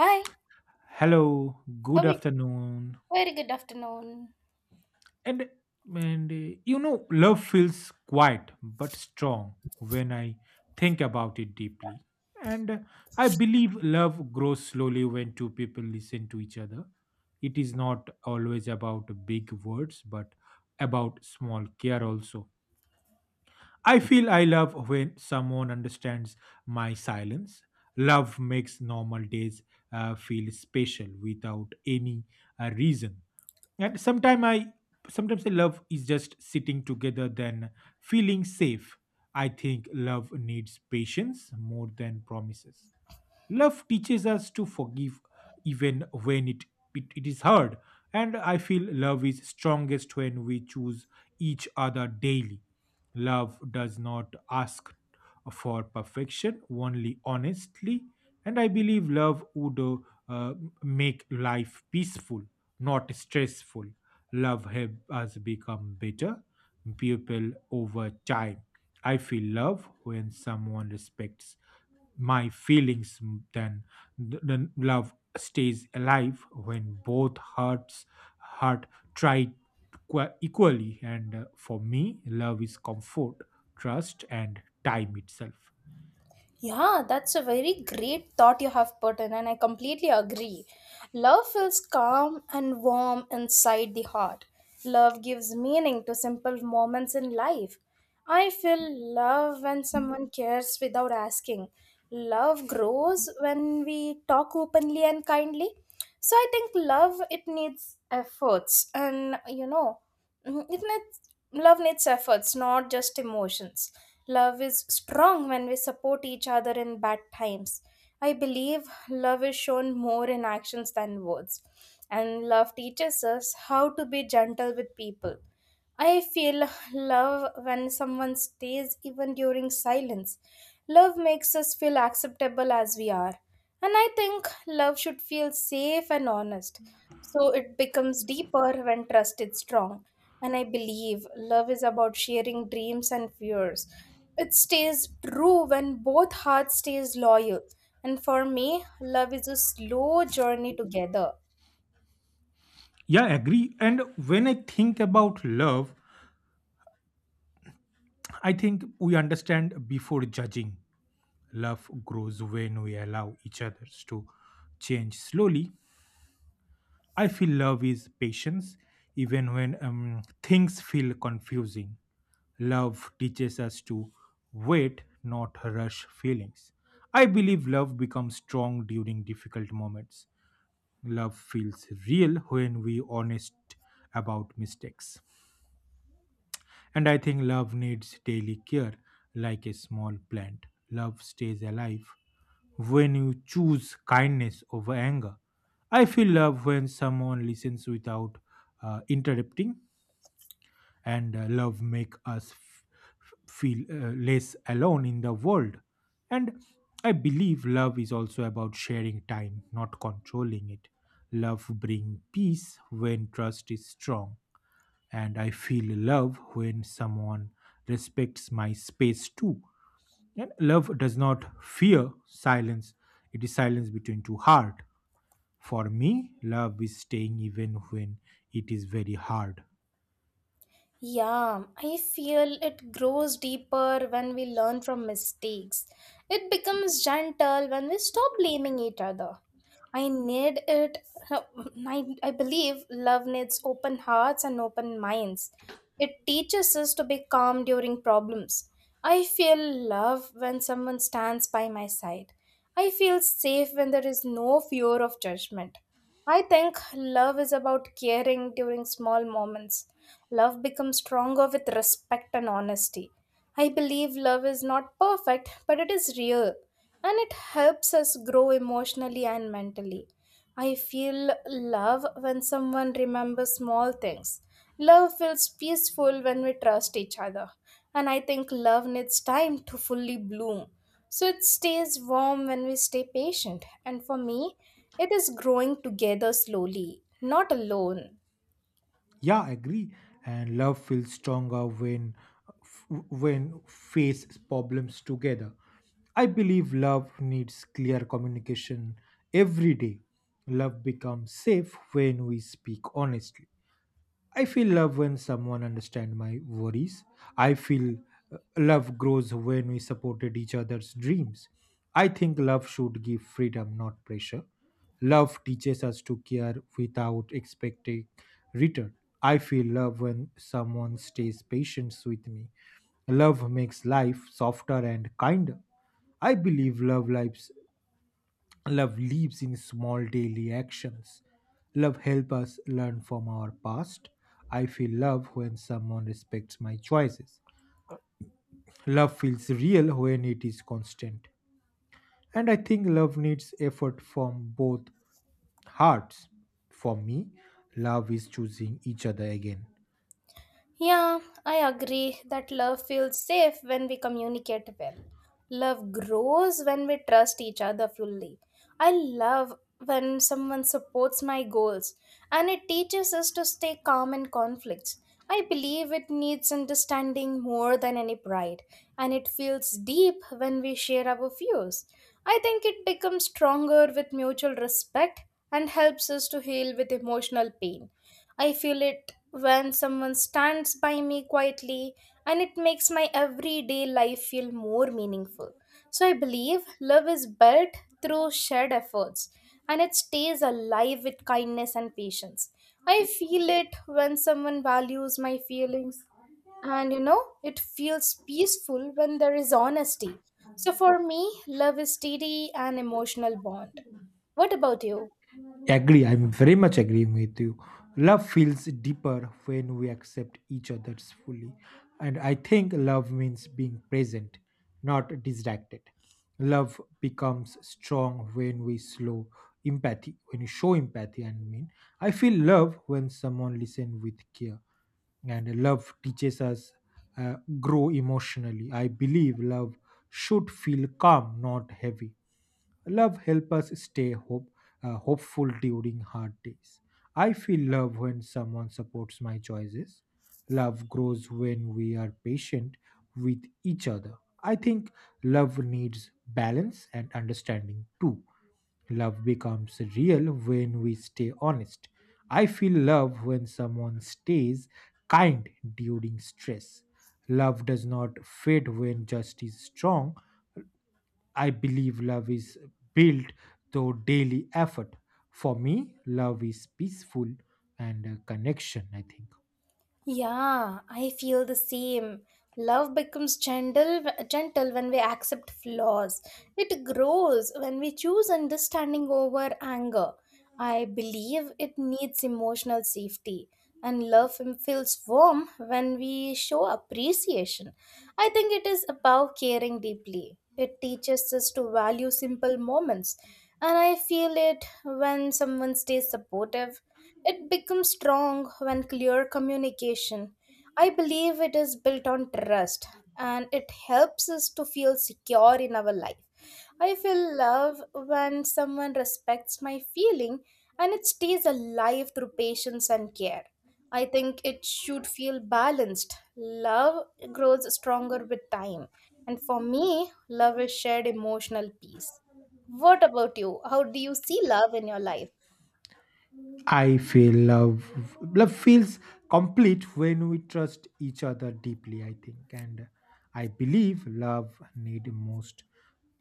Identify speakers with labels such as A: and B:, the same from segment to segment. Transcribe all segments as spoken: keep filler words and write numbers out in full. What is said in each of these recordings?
A: Hi,
B: Hello,
A: how
B: good
A: are you?
B: afternoon.
A: Very good afternoon.
B: And and uh, You know, love feels quiet but strong when I think about it deeply. And uh, I believe love grows slowly when two people listen to each other. It is not always about big words but about small care also. I feel I love when someone understands my silence. Love makes normal days uh, feel special without any uh, reason. And sometimes I sometimes I love is just sitting together than feeling safe. I think love needs patience more than promises. Love teaches us to forgive even when it, it, it is hard. And I feel love is strongest when we choose each other daily. Love does not ask for perfection, only honestly. And I believe love would uh, uh, make life peaceful, not stressful. Love helps us become better people over time. I feel love when someone respects my feelings m- then th- then love stays alive when both hearts heart try equa- equally. And uh, for me, love is comfort, trust and time itself.
A: Yeah, that's a very great thought you have put in, and I completely agree. Love feels calm and warm inside the heart. Love gives meaning to simple moments in life. I feel love when someone cares without asking. Love grows when we talk openly and kindly. So I think love it needs efforts and you know Mhm. It needs, love needs efforts, not just emotions. Love is strong when we support each other in bad times. I believe love is shown more in actions than words. And love teaches us how to be gentle with people. I feel love when someone stays even during silence. Love makes us feel acceptable as we are. And I think love should feel safe and honest. So it becomes deeper when trust is strong. And I believe love is about sharing dreams and fears. It stays true when both hearts stays loyal. And for me, love is a slow journey together.
B: Yeah, I agree. And when I think about love, I think we understand before judging. Love grows when we allow each others to change slowly. I feel love is patience, even when um, things feel confusing. Love teaches us to wait, not rush feelings. I believe love becomes strong during difficult moments. Love feels real when we honest about mistakes. And I think love needs daily care, like a small plant. Love stays alive when you choose kindness over anger. I feel love when someone listens without uh, interrupting, and uh, love make us f- f- feel uh, less alone in the world. And I believe love is also about sharing time, not controlling it. Love bring peace when trust is strong, and I feel love when someone respects my space too. And love does not fear silence, it is silence between two hearts. For me, love is staying even when it is very hard.
A: Yeah, I feel it grows deeper when we learn from mistakes. It becomes gentle when we stop blaming each other. I need it. No, I, I believe love needs open hearts and open minds. It teaches us to be calm during problems. I feel love when someone stands by my side. I feel safe when there is no fear of judgment. I think love is about caring during small moments. Love becomes stronger with respect and honesty. I believe love is not perfect, but it is real, and it helps us grow emotionally and mentally. I feel love when someone remembers small things. Love feels peaceful when we trust each other. And I think love needs time to fully bloom. So it stays warm when we stay patient. And for me, it is growing together slowly, not alone.
B: Yeah, I agree. And love feels stronger when when face problems together. I believe love needs clear communication every day. Love becomes safe when we speak honestly. I feel love when someone understands my worries. I feel uh, love grows when we supported each other's dreams. I think love should give freedom, not pressure. Love teaches us to care without expecting return. I feel love when someone stays patient with me. Love makes life softer and kinder. I believe love lives Love lives in small daily actions. Love helps us learn from our past. I feel love when someone respects my choices. Love feels real when it is constant. And I think love needs effort from both hearts. For me, love is choosing each other again.
A: Yeah, I agree that love feels safe when we communicate well. Love grows when we trust each other fully. I love when someone supports my goals, and it teaches us to stay calm in conflicts. I believe it needs understanding more than any pride, and it feels deep when we share our views. I think it becomes stronger with mutual respect and helps us to heal with emotional pain. I feel it when someone stands by me quietly, and it makes my everyday life feel more meaningful. So I believe love is built through shared efforts, and it stays alive with kindness and patience. I feel it when someone values my feelings, and you know it feels peaceful when there is honesty. So for me, love is steady and emotional bond. What about you?
B: Agree, I'm very much agreeing with you. Love feels deeper when we accept each other's fully. And I think love means being present, not distracted. Love becomes strong when we slow empathy, When you show empathy, I mean. I feel love when someone listens with care. And love teaches us uh, grow emotionally. I believe love should feel calm, not heavy. Love helps us stay hope, uh, hopeful during hard days. I feel love when someone supports my choices. Love grows when we are patient with each other. I think love needs balance and understanding too. Love becomes real when we stay honest. I feel love when someone stays kind during stress. Love does not fade when justice is strong. I believe love is built through daily effort. For me, love is peaceful and a connection, I think.
A: Yeah, I feel the same. Love becomes gentle, gentle when we accept flaws. It grows when we choose understanding over anger. I believe it needs emotional safety, and love feels warm when we show appreciation. I think it is about caring deeply. It teaches us to value simple moments, and I feel it when someone stays supportive. It becomes strong when clear communication. I believe it is built on trust, and it helps us to feel secure in our life. I feel love when someone respects my feeling, and it stays alive through patience and care. I think it should feel balanced. Love grows stronger with time. And for me, love is shared emotional peace. What about you? How do you see love in your life?
B: I feel love Love feels complete when we trust each other deeply, I think. And I believe love need most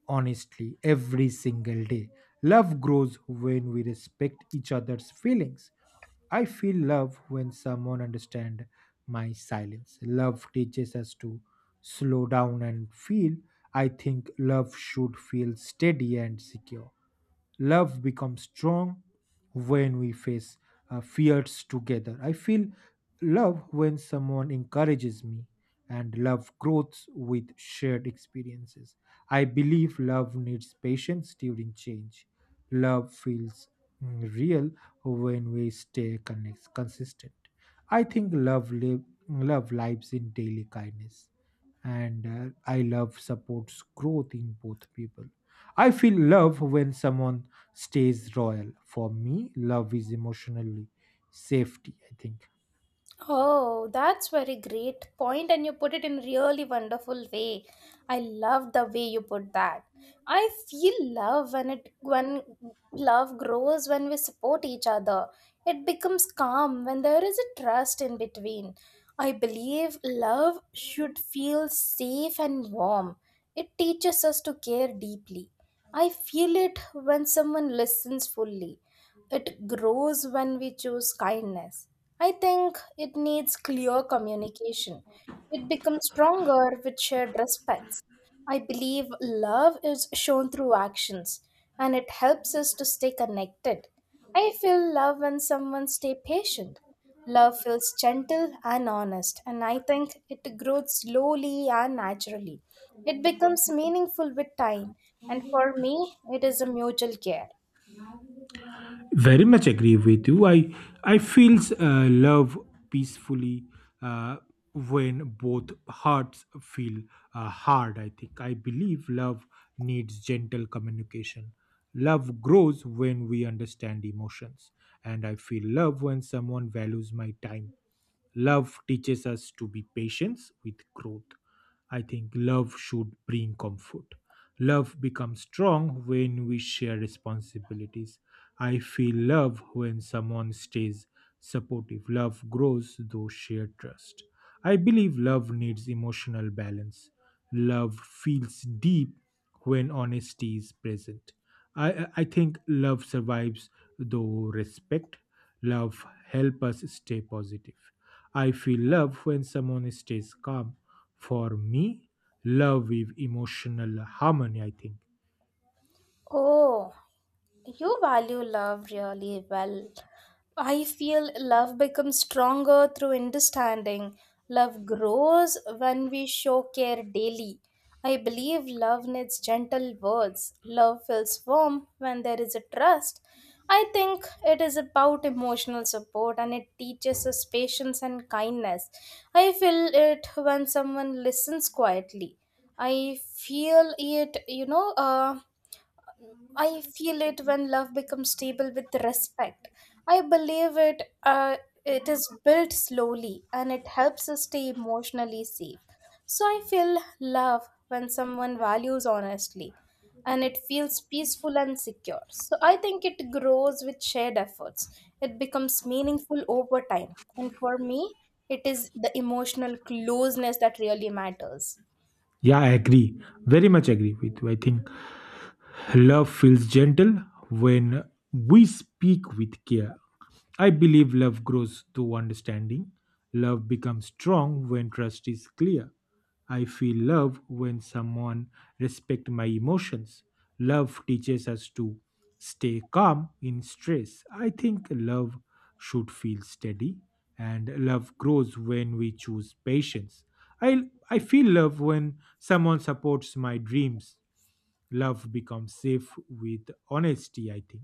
B: honestly every single day. Love grows when we respect each other's feelings. I feel love when someone understand my silence. Love teaches us to slow down and feel. I think love should feel steady and secure. Love becomes strong when we face uh, fears together. I feel love when someone encourages me, and love grows with shared experiences. I believe love needs patience during change. Love feels mm, real when we stay connect- consistent. I think love live, Love lives in daily kindness. And uh, I love supports growth in both people. I feel love when someone stays royal. For me, love is emotionally safety, I think.
A: Oh, that's very great point, and you put it in really wonderful way. I love the way you put that. I feel love when it when Love grows when we support each other. It becomes calm when there is a trust in between. I believe love should feel safe and warm. It teaches us to care deeply. I feel it when someone listens fully. It grows when we choose kindness. I think it needs clear communication. It becomes stronger with shared respects. I believe love is shown through actions, and it helps us to stay connected. I feel love when someone stay patient. Love feels gentle and honest, and I think it grows slowly and naturally. It becomes meaningful with time, and for me it is a mutual care.
B: Very much agree with you. I i feels uh, love peacefully uh, when both hearts feel uh, hard, I think. I believe love needs gentle communication. Love grows when we understand emotions, and I feel love when someone values my time. Love teaches us to be patient with growth. I think love should bring comfort. Love becomes strong when we share responsibilities. I feel love when someone stays supportive. Love grows through shared trust. I believe love needs emotional balance. Love feels deep when honesty is present. I, I I think love survives though respect. Love help us stay positive. I feel love when someone stays calm. For me, love is emotional harmony, I think.
A: Oh, you value love really well. I feel love becomes stronger through understanding. Love grows when we show care daily. I believe love needs gentle words. Love feels warm when there is a trust. I think it is about emotional support, and it teaches us patience and kindness. I feel it when someone listens quietly. I feel it, you know, uh, I feel it when love becomes stable with respect. I believe it. Uh, it is built slowly, and it helps us stay emotionally safe. So I feel love when someone values honestly, and it feels peaceful and secure. So I think it grows with shared efforts. It becomes meaningful over time, and for me, it is the emotional closeness that really matters.
B: Yeah, I agree. Very much agree with you, I think. Love feels gentle when we speak with care. I believe love grows through understanding. Love becomes strong when trust is clear. I feel love when someone respects my emotions. Love teaches us to stay calm in stress. I think love should feel steady, and love grows when we choose patience. I, I feel love when someone supports my dreams. Love becomes safe with honesty, I think.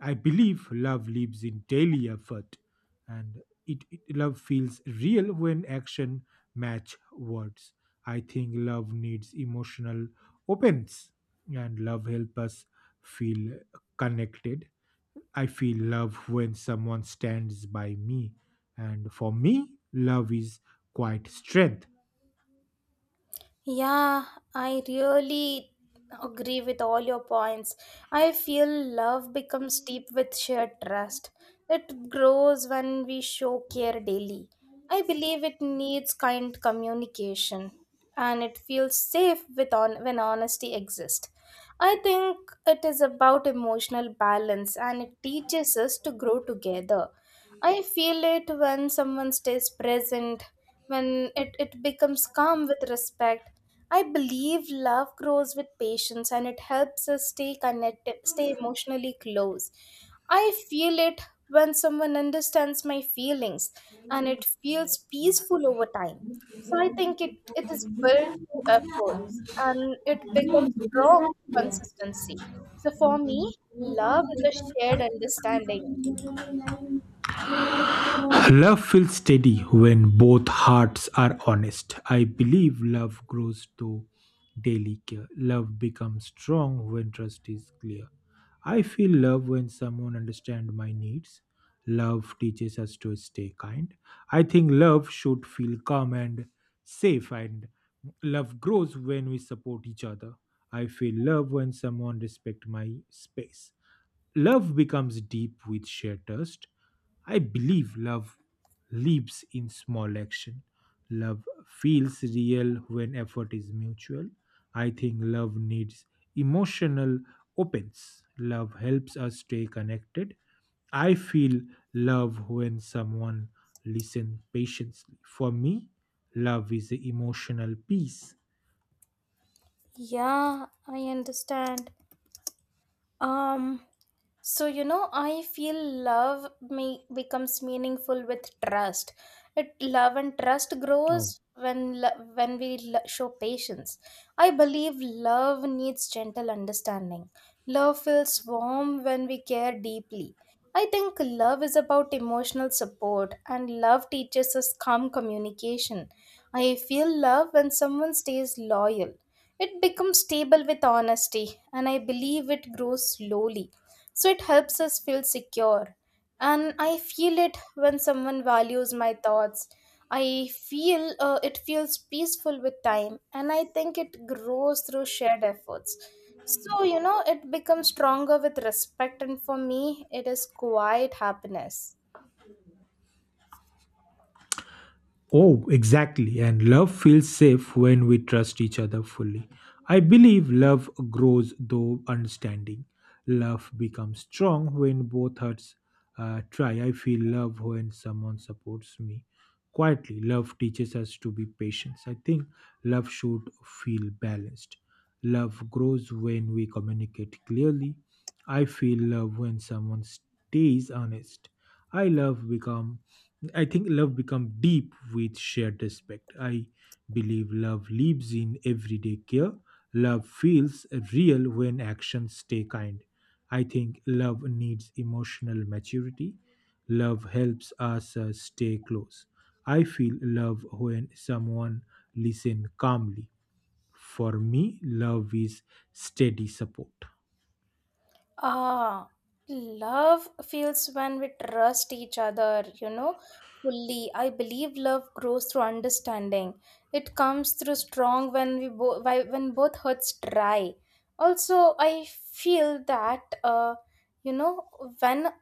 B: I believe love lives in daily effort, and it, it- love feels real when action match words. I think love needs emotional opens, and love help us feel connected. I feel love when someone stands by me. And for me, love is quite strength.
A: Yeah, I really agree with all your points. I feel love becomes deep with shared trust. It grows when we show care daily. I believe it needs kind communication, and it feels safe with on- when honesty exists. I think it is about emotional balance, and it teaches us to grow together. I feel it when someone stays present, when it, it becomes calm with respect. I believe love grows with patience, and it helps us stay connected, stay emotionally close. I feel it when someone understands my feelings, and it feels peaceful over time. So I think it, it is built through efforts, and it becomes strong consistency. So for me, love is a shared understanding.
B: Love feels steady when both hearts are honest. I believe love grows to daily care. Love becomes strong when trust is clear. I feel love when someone understands my needs. Love teaches us to stay kind. I think love should feel calm and safe, and love grows when we support each other. I feel love when someone respects my space. Love becomes deep with shared trust. I believe love lives in small action. Love feels real when effort is mutual. I think love needs emotional opens. Love helps us stay connected. I feel love when someone listens patiently. For me, love is the emotional peace.
A: Yeah, I understand. Um So, you know, I feel love me becomes meaningful with trust. It love and Trust grows
B: Oh.
A: when lo- when we lo- show patience. I believe love needs gentle understanding. Love feels warm when we care deeply. I think love is about emotional support, and love teaches us calm communication. I feel love when someone stays loyal. It becomes stable with honesty, and I believe it grows slowly. So it helps us feel secure. And I feel it when someone values my thoughts. I feel uh, it feels peaceful with time, and I think it grows through shared efforts. So, you know, it becomes stronger with respect, and for me, it is quiet happiness.
B: Oh, exactly. And love feels safe when we trust each other fully. I believe love grows through understanding. Love becomes strong when both hearts uh, try. I feel love when someone supports me quietly. Love teaches us to be patient. I think love should feel balanced. Love grows when we communicate clearly. I feel love when someone stays honest. I love become I think love becomes deep with shared respect. I believe love lives in everyday care. Love feels real when actions stay kind. I think love needs emotional maturity. Love helps us uh, stay close. I feel love when someone listens calmly. For me, love is steady support.
A: Ah, love feels when we trust each other, you know, fully. I believe love grows through understanding. It comes through strong when we both when both hearts try. Also, I feel that uh, you know, when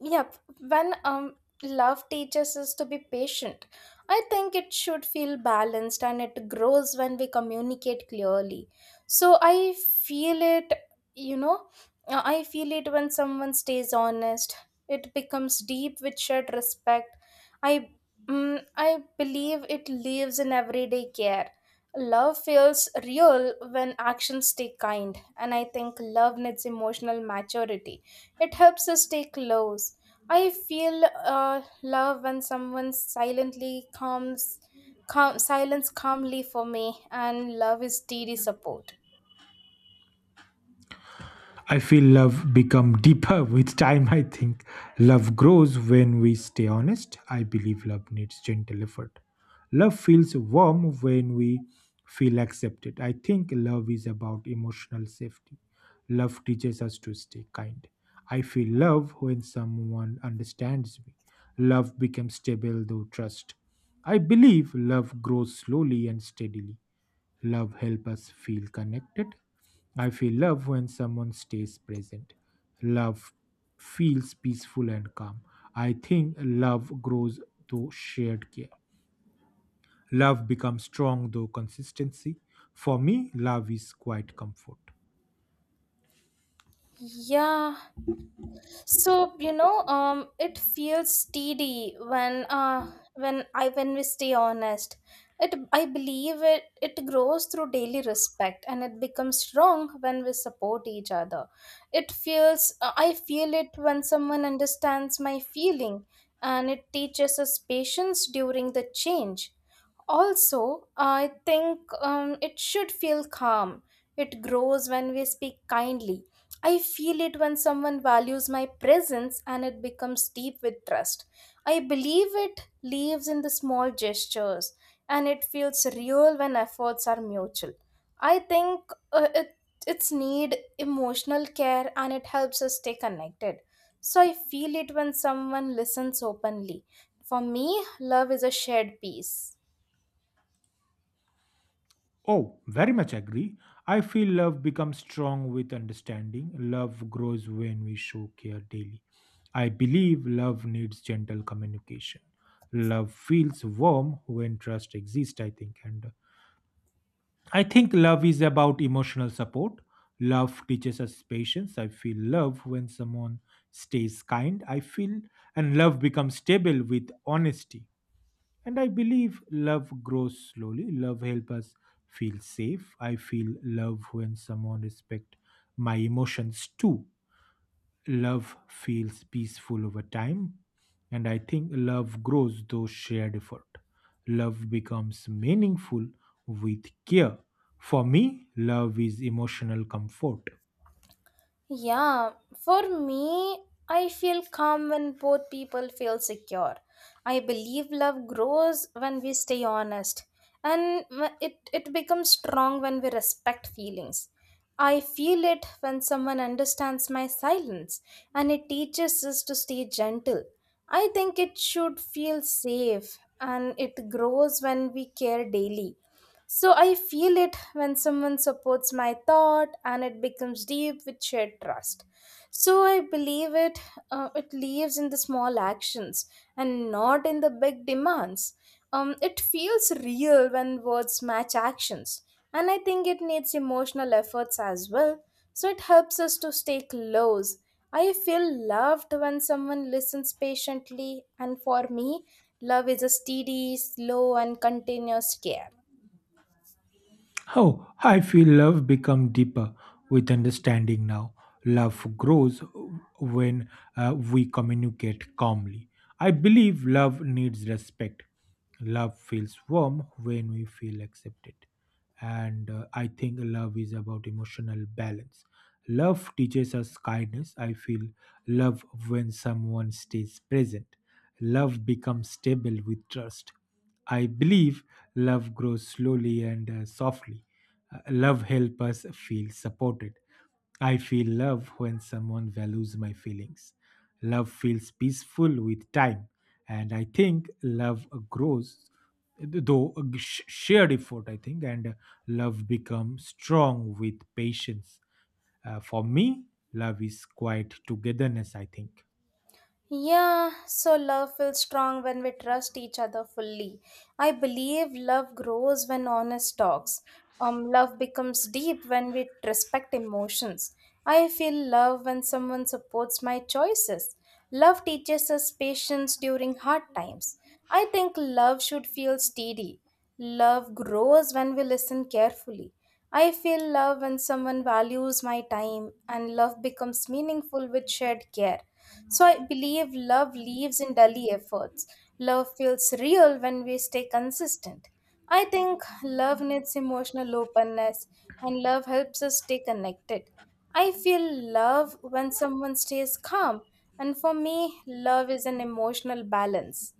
A: Yep, when um love teaches us to be patient, I think it should feel balanced, and it grows when we communicate clearly. So I feel it, you know, uh, I feel it when someone stays honest. It becomes deep with shared respect. I mm, I believe it lives in everyday care. Love feels real when actions stay kind, and I think love needs emotional maturity. It helps us stay close. I feel uh, love when someone silently comes, calm, silence calmly for me, and love is steady support.
B: I feel love become deeper with time. I think love grows when we stay honest. I believe love needs gentle effort. Love feels warm when we feel accepted. I think love is about emotional safety. Love teaches us to stay kind. I feel love when someone understands me. Love becomes stable through trust. I believe love grows slowly and steadily. Love helps us feel connected. I feel love when someone stays present. Love feels peaceful and calm. I think love grows through shared care. Love becomes strong through consistency. For me, love is quite comfort.
A: Yeah, so you know, um, it feels steady when uh when I when we stay honest. It I believe it it grows through daily respect, and it becomes strong when we support each other. It feels uh, I feel it when someone understands my feeling, and it teaches us patience during the change. Also, I think um, it should feel calm. It grows when we speak kindly. I feel it when someone values my presence, and it becomes deep with trust. I believe it lives in the small gestures, and it feels real when efforts are mutual. I think uh, it, it's need emotional care, and it helps us stay connected. So I feel it when someone listens openly. For me, love is a shared peace.
B: Oh, very much agree. I feel love becomes strong with understanding. Love grows when we show care daily. I believe love needs gentle communication. Love feels warm when trust exists, I think. And uh, I think love is about emotional support. Love teaches us patience. I feel love when someone stays kind. I feel, and love becomes stable with honesty. And I believe love grows slowly. Love helps us feel safe. I feel love when someone respect my emotions too. Love feels peaceful over time, and I think love grows through shared effort. Love becomes meaningful with care. For me, love is emotional comfort.
A: Yeah, for me, I feel calm when both people feel secure. I believe love grows when we stay honest, and wh- it, it becomes strong when we respect feelings. I feel it when someone understands my silence, and it teaches us to stay gentle. I think it should feel safe, and it grows when we care daily. So I feel it when someone supports my thought, and it becomes deep with shared trust. So I believe it uh, it lives in the small actions and not in the big demands. Um, it feels real when words match actions. And I think it needs emotional efforts as well. So it helps us to stay close. I feel loved when someone listens patiently, and for me, love is a steady, slow and continuous care.
B: Oh, I feel love become deeper with understanding now. Love grows when uh, we communicate calmly. I believe love needs respect. Love feels warm when we feel accepted. And uh, I think love is about emotional balance. Love teaches us kindness. I feel love when someone stays present. Love becomes stable with trust. I believe love grows slowly and uh, softly. Uh, love helps us feel supported. I feel love when someone values my feelings. Love feels peaceful with time. And I think love grows though uh, sh- shared effort, I think, and uh, love becomes strong with patience. Uh, for me, love is quiet togetherness, I think.
A: Yeah, so love feels strong when we trust each other fully. I believe love grows when honest talks. Um, love becomes deep when we respect emotions. I feel love when someone supports my choices. Love teaches us patience during hard times. I think love should feel steady. Love grows when we listen carefully. I feel love when someone values my time, and love becomes meaningful with shared care. So I believe love lives in daily efforts. Love feels real when we stay consistent. I think love needs emotional openness and love helps us stay connected. I feel love when someone stays calm, and for me, love is an emotional balance.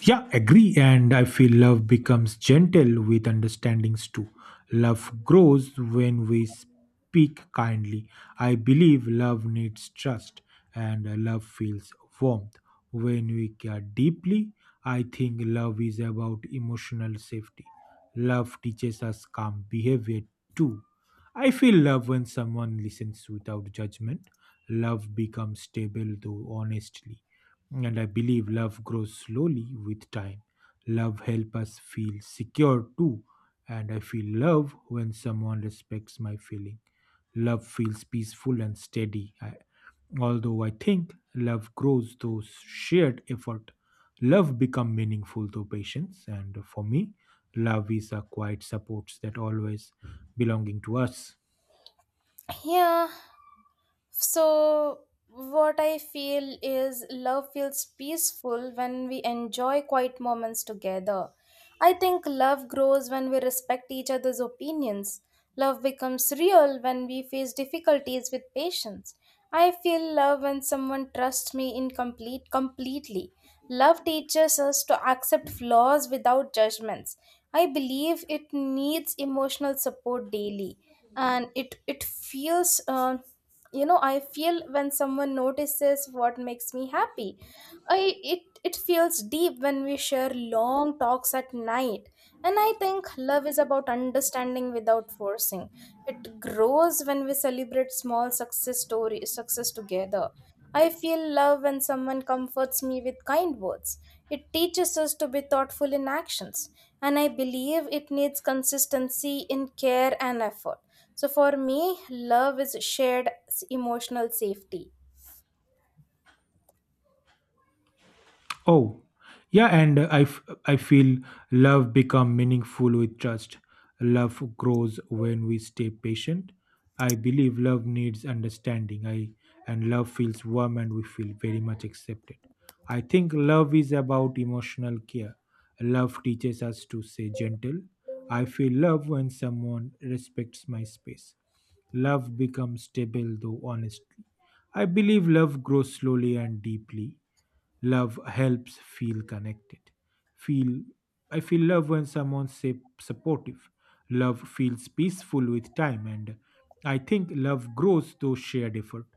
B: Yeah, agree. And I feel love becomes gentle with understandings too. Love grows when we speak kindly. I believe love needs trust, and love feels warmth when we care deeply. I think love is about emotional safety. Love teaches us calm behavior too. I feel love when someone listens without judgment. Love becomes stable though honestly. And I believe love grows slowly with time. Love helps us feel secure too. And I feel love when someone respects my feeling. Love feels peaceful and steady. I, although I think love grows through shared effort. Love become meaningful through patience. And for me, love is a quiet support that always belonging to us.
A: Yeah, So, what I feel is love feels peaceful when we enjoy quiet moments together. I think love grows when we respect each other's opinions. Love becomes real when we face difficulties with patience. I feel love when someone trusts me incomplete completely. Love teaches us to accept flaws without judgments. I believe it needs emotional support daily, and it it feels uh, you know I feel when someone notices what makes me happy I it it feels deep when we share long talks at night, and I think love is about understanding without forcing. It grows when we celebrate small success stories success together. I feel love when someone comforts me with kind words. It teaches us to be thoughtful in actions, and I believe it needs consistency in care and effort. So for me, love is shared s- emotional safety.
B: Oh, yeah, and uh, I, f- I feel love become meaningful with trust. Love grows when we stay patient. I believe love needs understanding. I and love feels warm and we feel very much accepted. I think love is about emotional care. Love teaches us to say gentle. I feel love when someone respects my space. Love becomes stable though honestly. I believe love grows slowly and deeply. Love helps feel connected. Feel I feel love when someone's say supportive. Love feels peaceful with time. And I think love grows through shared effort.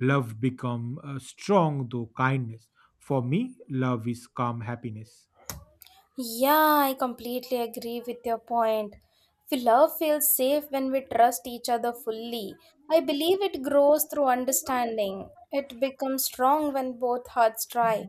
B: Love become uh, strong through kindness. For me, love is calm happiness.
A: Yeah, I completely agree with your point. F- Love feels safe when we trust each other fully. I believe it grows through understanding. It becomes strong when both hearts try.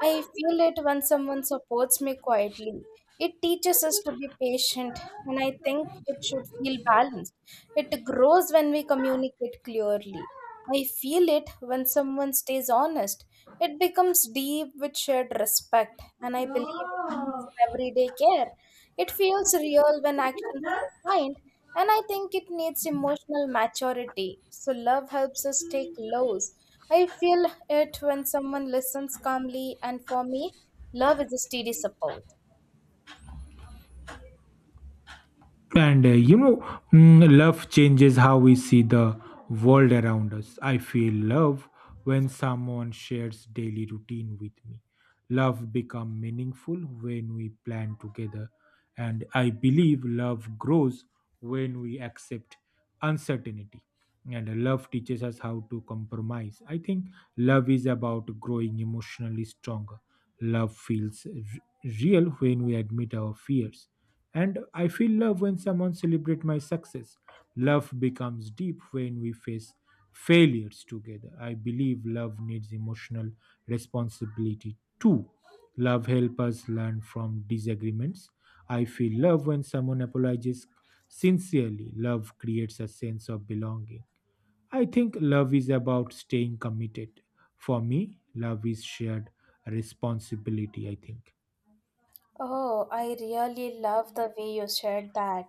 A: I feel it when someone supports me quietly. It teaches us to be patient, and I think it should feel balanced. It grows when we communicate clearly. I feel it when someone stays honest. It becomes deep with shared respect, and I believe it leads in everyday care. It feels real when actions define, and I think it needs emotional maturity. So love helps us take lows. I feel it when someone listens calmly, and for me, love is a steady support.
B: And uh, you know, mm, love changes how we see the world around us. I feel love when someone shares daily routine with me. Love become meaningful when we plan together, and I believe love grows when we accept uncertainty, and love teaches us how to compromise. I think love is about growing emotionally stronger. Love feels r- real when we admit our fears. And I feel love when someone celebrates my success. Love becomes deep when we face failures together. I believe love needs emotional responsibility too. Love helps us learn from disagreements. I feel love when someone apologizes sincerely. Love creates a sense of belonging. I think love is about staying committed. For me, love is shared responsibility, I think.
A: Oh, I really love the way you said that.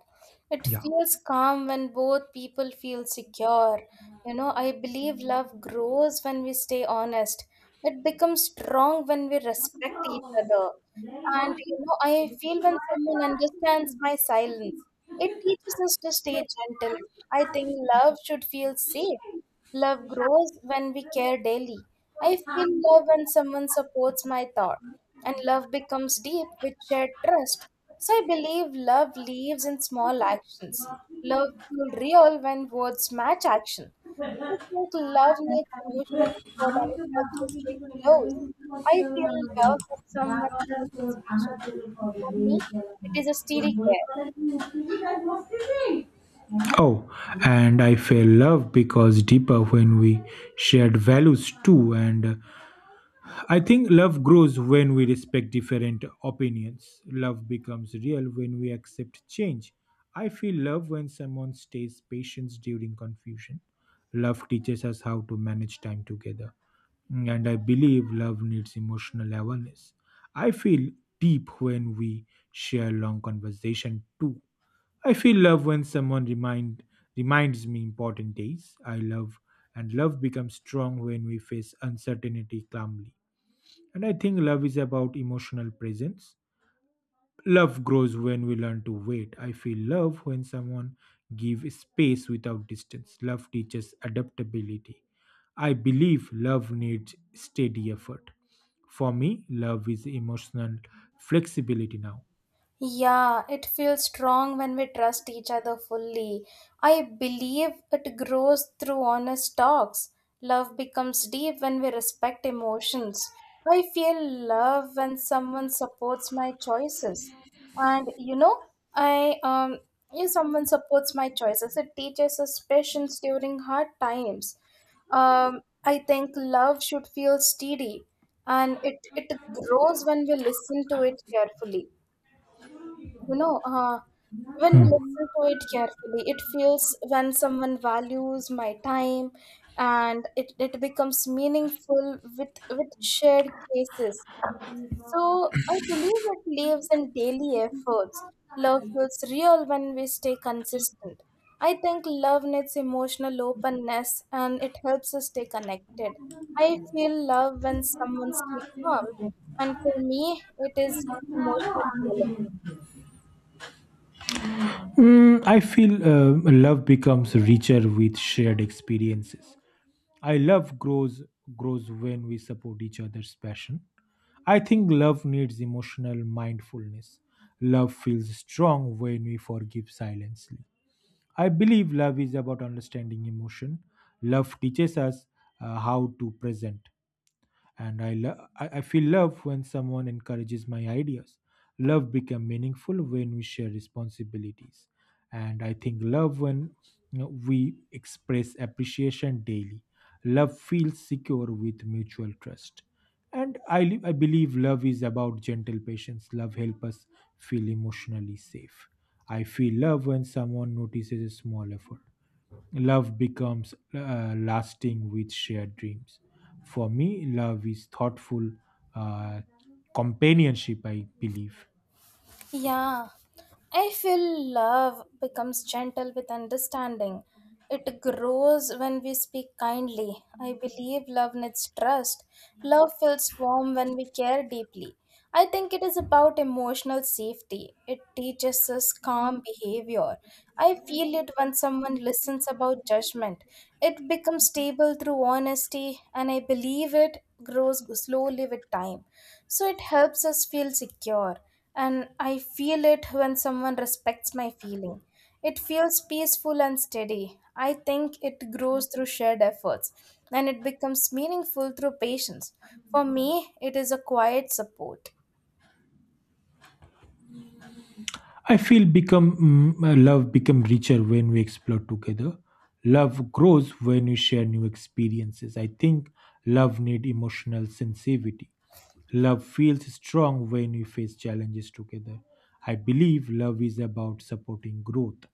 A: It
B: Yeah.
A: feels calm when both people feel secure. You know, I believe love grows when we stay honest. It becomes strong when we respect each other. And you know, I feel when someone understands my silence, it teaches us to stay gentle. I think love should feel safe. Love grows when we care daily. I feel love when someone supports my thought and love becomes deep with shared trust. So I believe love lives in small actions. Love feels real when words match action. I think love needs emotional effort and it helps us stay close. I feel love when someone listens patiently, and for me, it is a steady care.
B: Oh, and I feel love because deeper when we shared values too, and I think love grows when we respect different opinions. Love becomes real when we accept change. I feel love when someone stays patient during confusion. Love teaches us how to manage time together. And I believe love needs emotional awareness. I feel deep when we share long conversation too. I feel love when someone remind reminds me important days. I love and love becomes strong when we face uncertainty calmly. And I think love is about emotional presence. Love grows when we learn to wait. I feel love when someone gives space without distance. Love teaches adaptability. I believe love needs steady effort. For me, love is emotional flexibility now.
A: Yeah, it feels strong when we trust each other fully. I believe it grows through honest talks. Love becomes deep when we respect emotions. I feel love when someone supports my choices. And you know, I um if someone supports my choices, it teaches us patience during hard times. Um, I think love should feel steady, and it, it grows when we listen to it carefully. you know uh, when we
B: Hmm.
A: listen to it carefully, it feels when someone values my time, and it, it becomes meaningful with with shared cases. So I believe it lives in daily efforts. Love feels real when we stay consistent. I think love needs emotional openness and it helps us stay connected. I feel love when someone stays calm, and for me, it is emotional balance.
B: Mm, I feel uh, love becomes richer with shared experiences. I love grows grows when we support each other's passion. I think love needs emotional mindfulness. Love feels strong when we forgive silently. I believe love is about understanding emotion. Love teaches us uh, how to present, and I, lo- I I feel love when someone encourages my ideas. Love become meaningful when we share responsibilities, and I think love when, you know, we express appreciation daily. Love feels secure with mutual trust, and I li- I believe love is about gentle patience. Love help us feel emotionally safe. I feel love when someone notices a small effort. Love becomes uh, lasting with shared dreams. For me, love is thoughtful uh, companionship, I believe.
A: Yeah, I feel love becomes gentle with understanding. It grows when we speak kindly. I believe love needs trust. Love feels warm when we care deeply. I think it is about emotional safety. It teaches us calm behavior. I feel it when someone listens about judgment. It becomes stable through honesty, and I believe it grows slowly with time. So it helps us feel secure and I feel it when someone respects my feeling. It feels peaceful and steady. I think it grows through shared efforts and it becomes meaningful through patience. For me, it is a quiet support.
B: I feel become mm, uh, love become richer when we explore together. Love grows when we share new experiences. I think love need emotional sensitivity. Love feels strong when we face challenges together. I believe love is about supporting growth.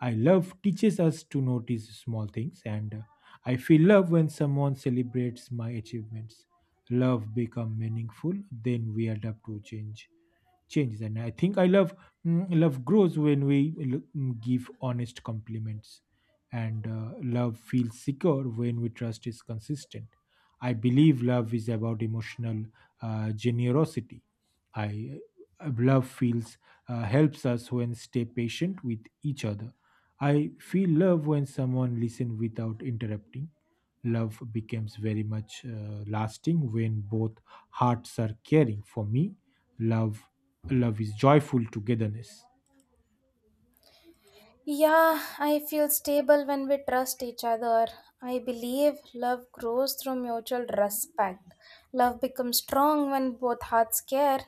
B: I love teaches us to notice small things, and uh, I feel love when someone celebrates my achievements. Love become meaningful, then we adapt to change changes. And I think i love mm, love grows when we l- mm, give honest compliments. And uh, love feels secure when we trust is consistent. I believe love is about emotional uh, generosity. I uh, Love feels, uh, helps us when stay patient with each other. I feel love when someone listen without interrupting. Love becomes very much uh, lasting when both hearts are caring. For me, love love is joyful togetherness.
A: Yeah, I feel stable when we trust each other. I believe love grows through mutual respect. Love becomes strong when both hearts care.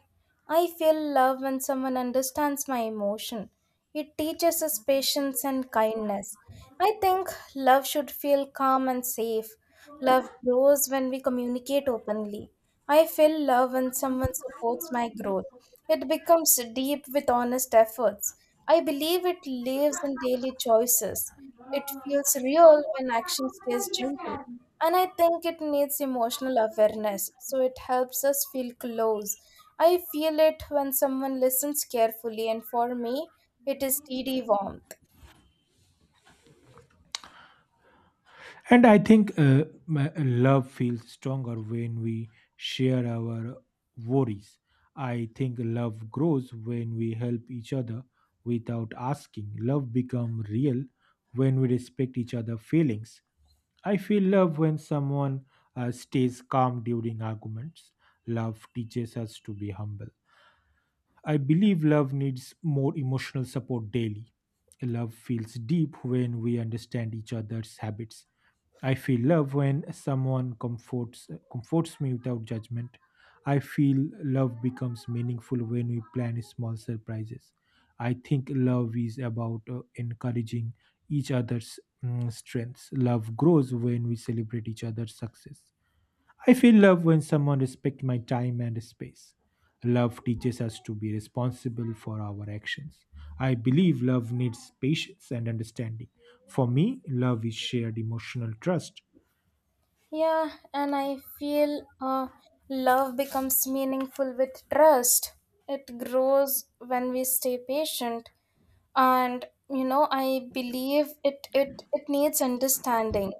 A: I feel love when someone understands my emotion. It teaches us patience and kindness. I think love should feel calm and safe. Love grows when we communicate openly. I feel love when someone supports my growth. It becomes deep with honest efforts. I believe it lives in daily choices. It feels real when action stays gentle. And I think it needs emotional awareness, so it helps us feel close. I feel it when someone listens carefully, and for me, it is steady warmth.
B: And I think uh, my uh, love feels stronger when we share our worries. I think love grows when we help each other without asking. Love becomes real when we respect each other's feelings. I feel love when someone uh, stays calm during arguments. Love teaches us to be humble. I believe love needs more emotional support daily. Love feels deep when we understand each other's habits. I feel love when someone comforts comforts me without judgment. I feel love becomes meaningful when we plan small surprises. I think love is about uh, encouraging each other's mm, strengths. Love grows when we celebrate each other's success. I feel love when someone respects my time and space. Love teaches us to be responsible for our actions. I believe love needs patience and understanding. For me, love is shared emotional trust.
A: Yeah, and I feel uh, love becomes meaningful with trust. It grows when we stay patient, and you know I believe it. It it needs understanding.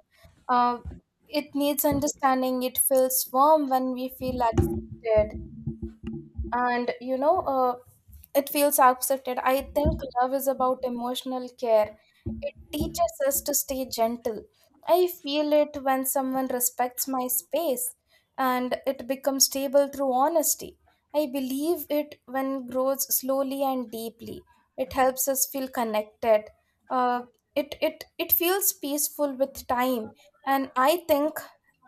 A: Uh, it needs understanding. It feels warm when we feel accepted. And you know uh, it feels accepted. I think love is about emotional care. It teaches us to stay gentle. I feel it when someone respects my space, and it becomes stable through honesty. I believe it when grows slowly and deeply. It helps us feel connected. uh, it it it feels peaceful with time, and I think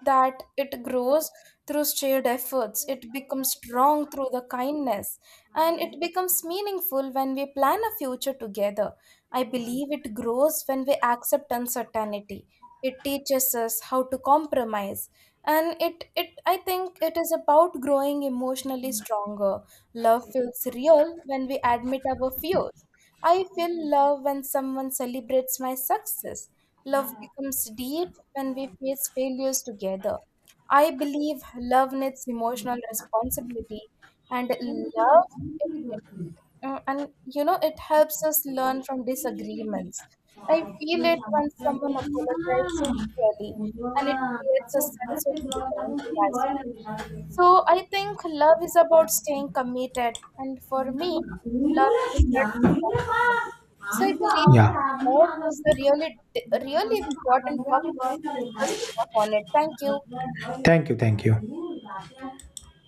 A: that it grows through shared efforts. It becomes strong through the kindness, and it becomes meaningful when we plan a future together. I believe it grows when we accept uncertainty. It teaches us how to compromise. And it, it I think it is about growing emotionally stronger. Love feels real when we admit our fears. I feel love when someone celebrates my success. Love becomes deep when we face failures together. I believe love needs emotional responsibility, and love it, it, uh, and you know it helps us learn from disagreements. I feel it when someone apologizes sincerely and it creates a sense of belonging as well. So I think love is about staying committed, and for me, love is a shared responsibility. So I believe
B: Yeah.
A: love is the really, really important topic to discuss with our on it. Thank you.
B: Thank you. Thank you.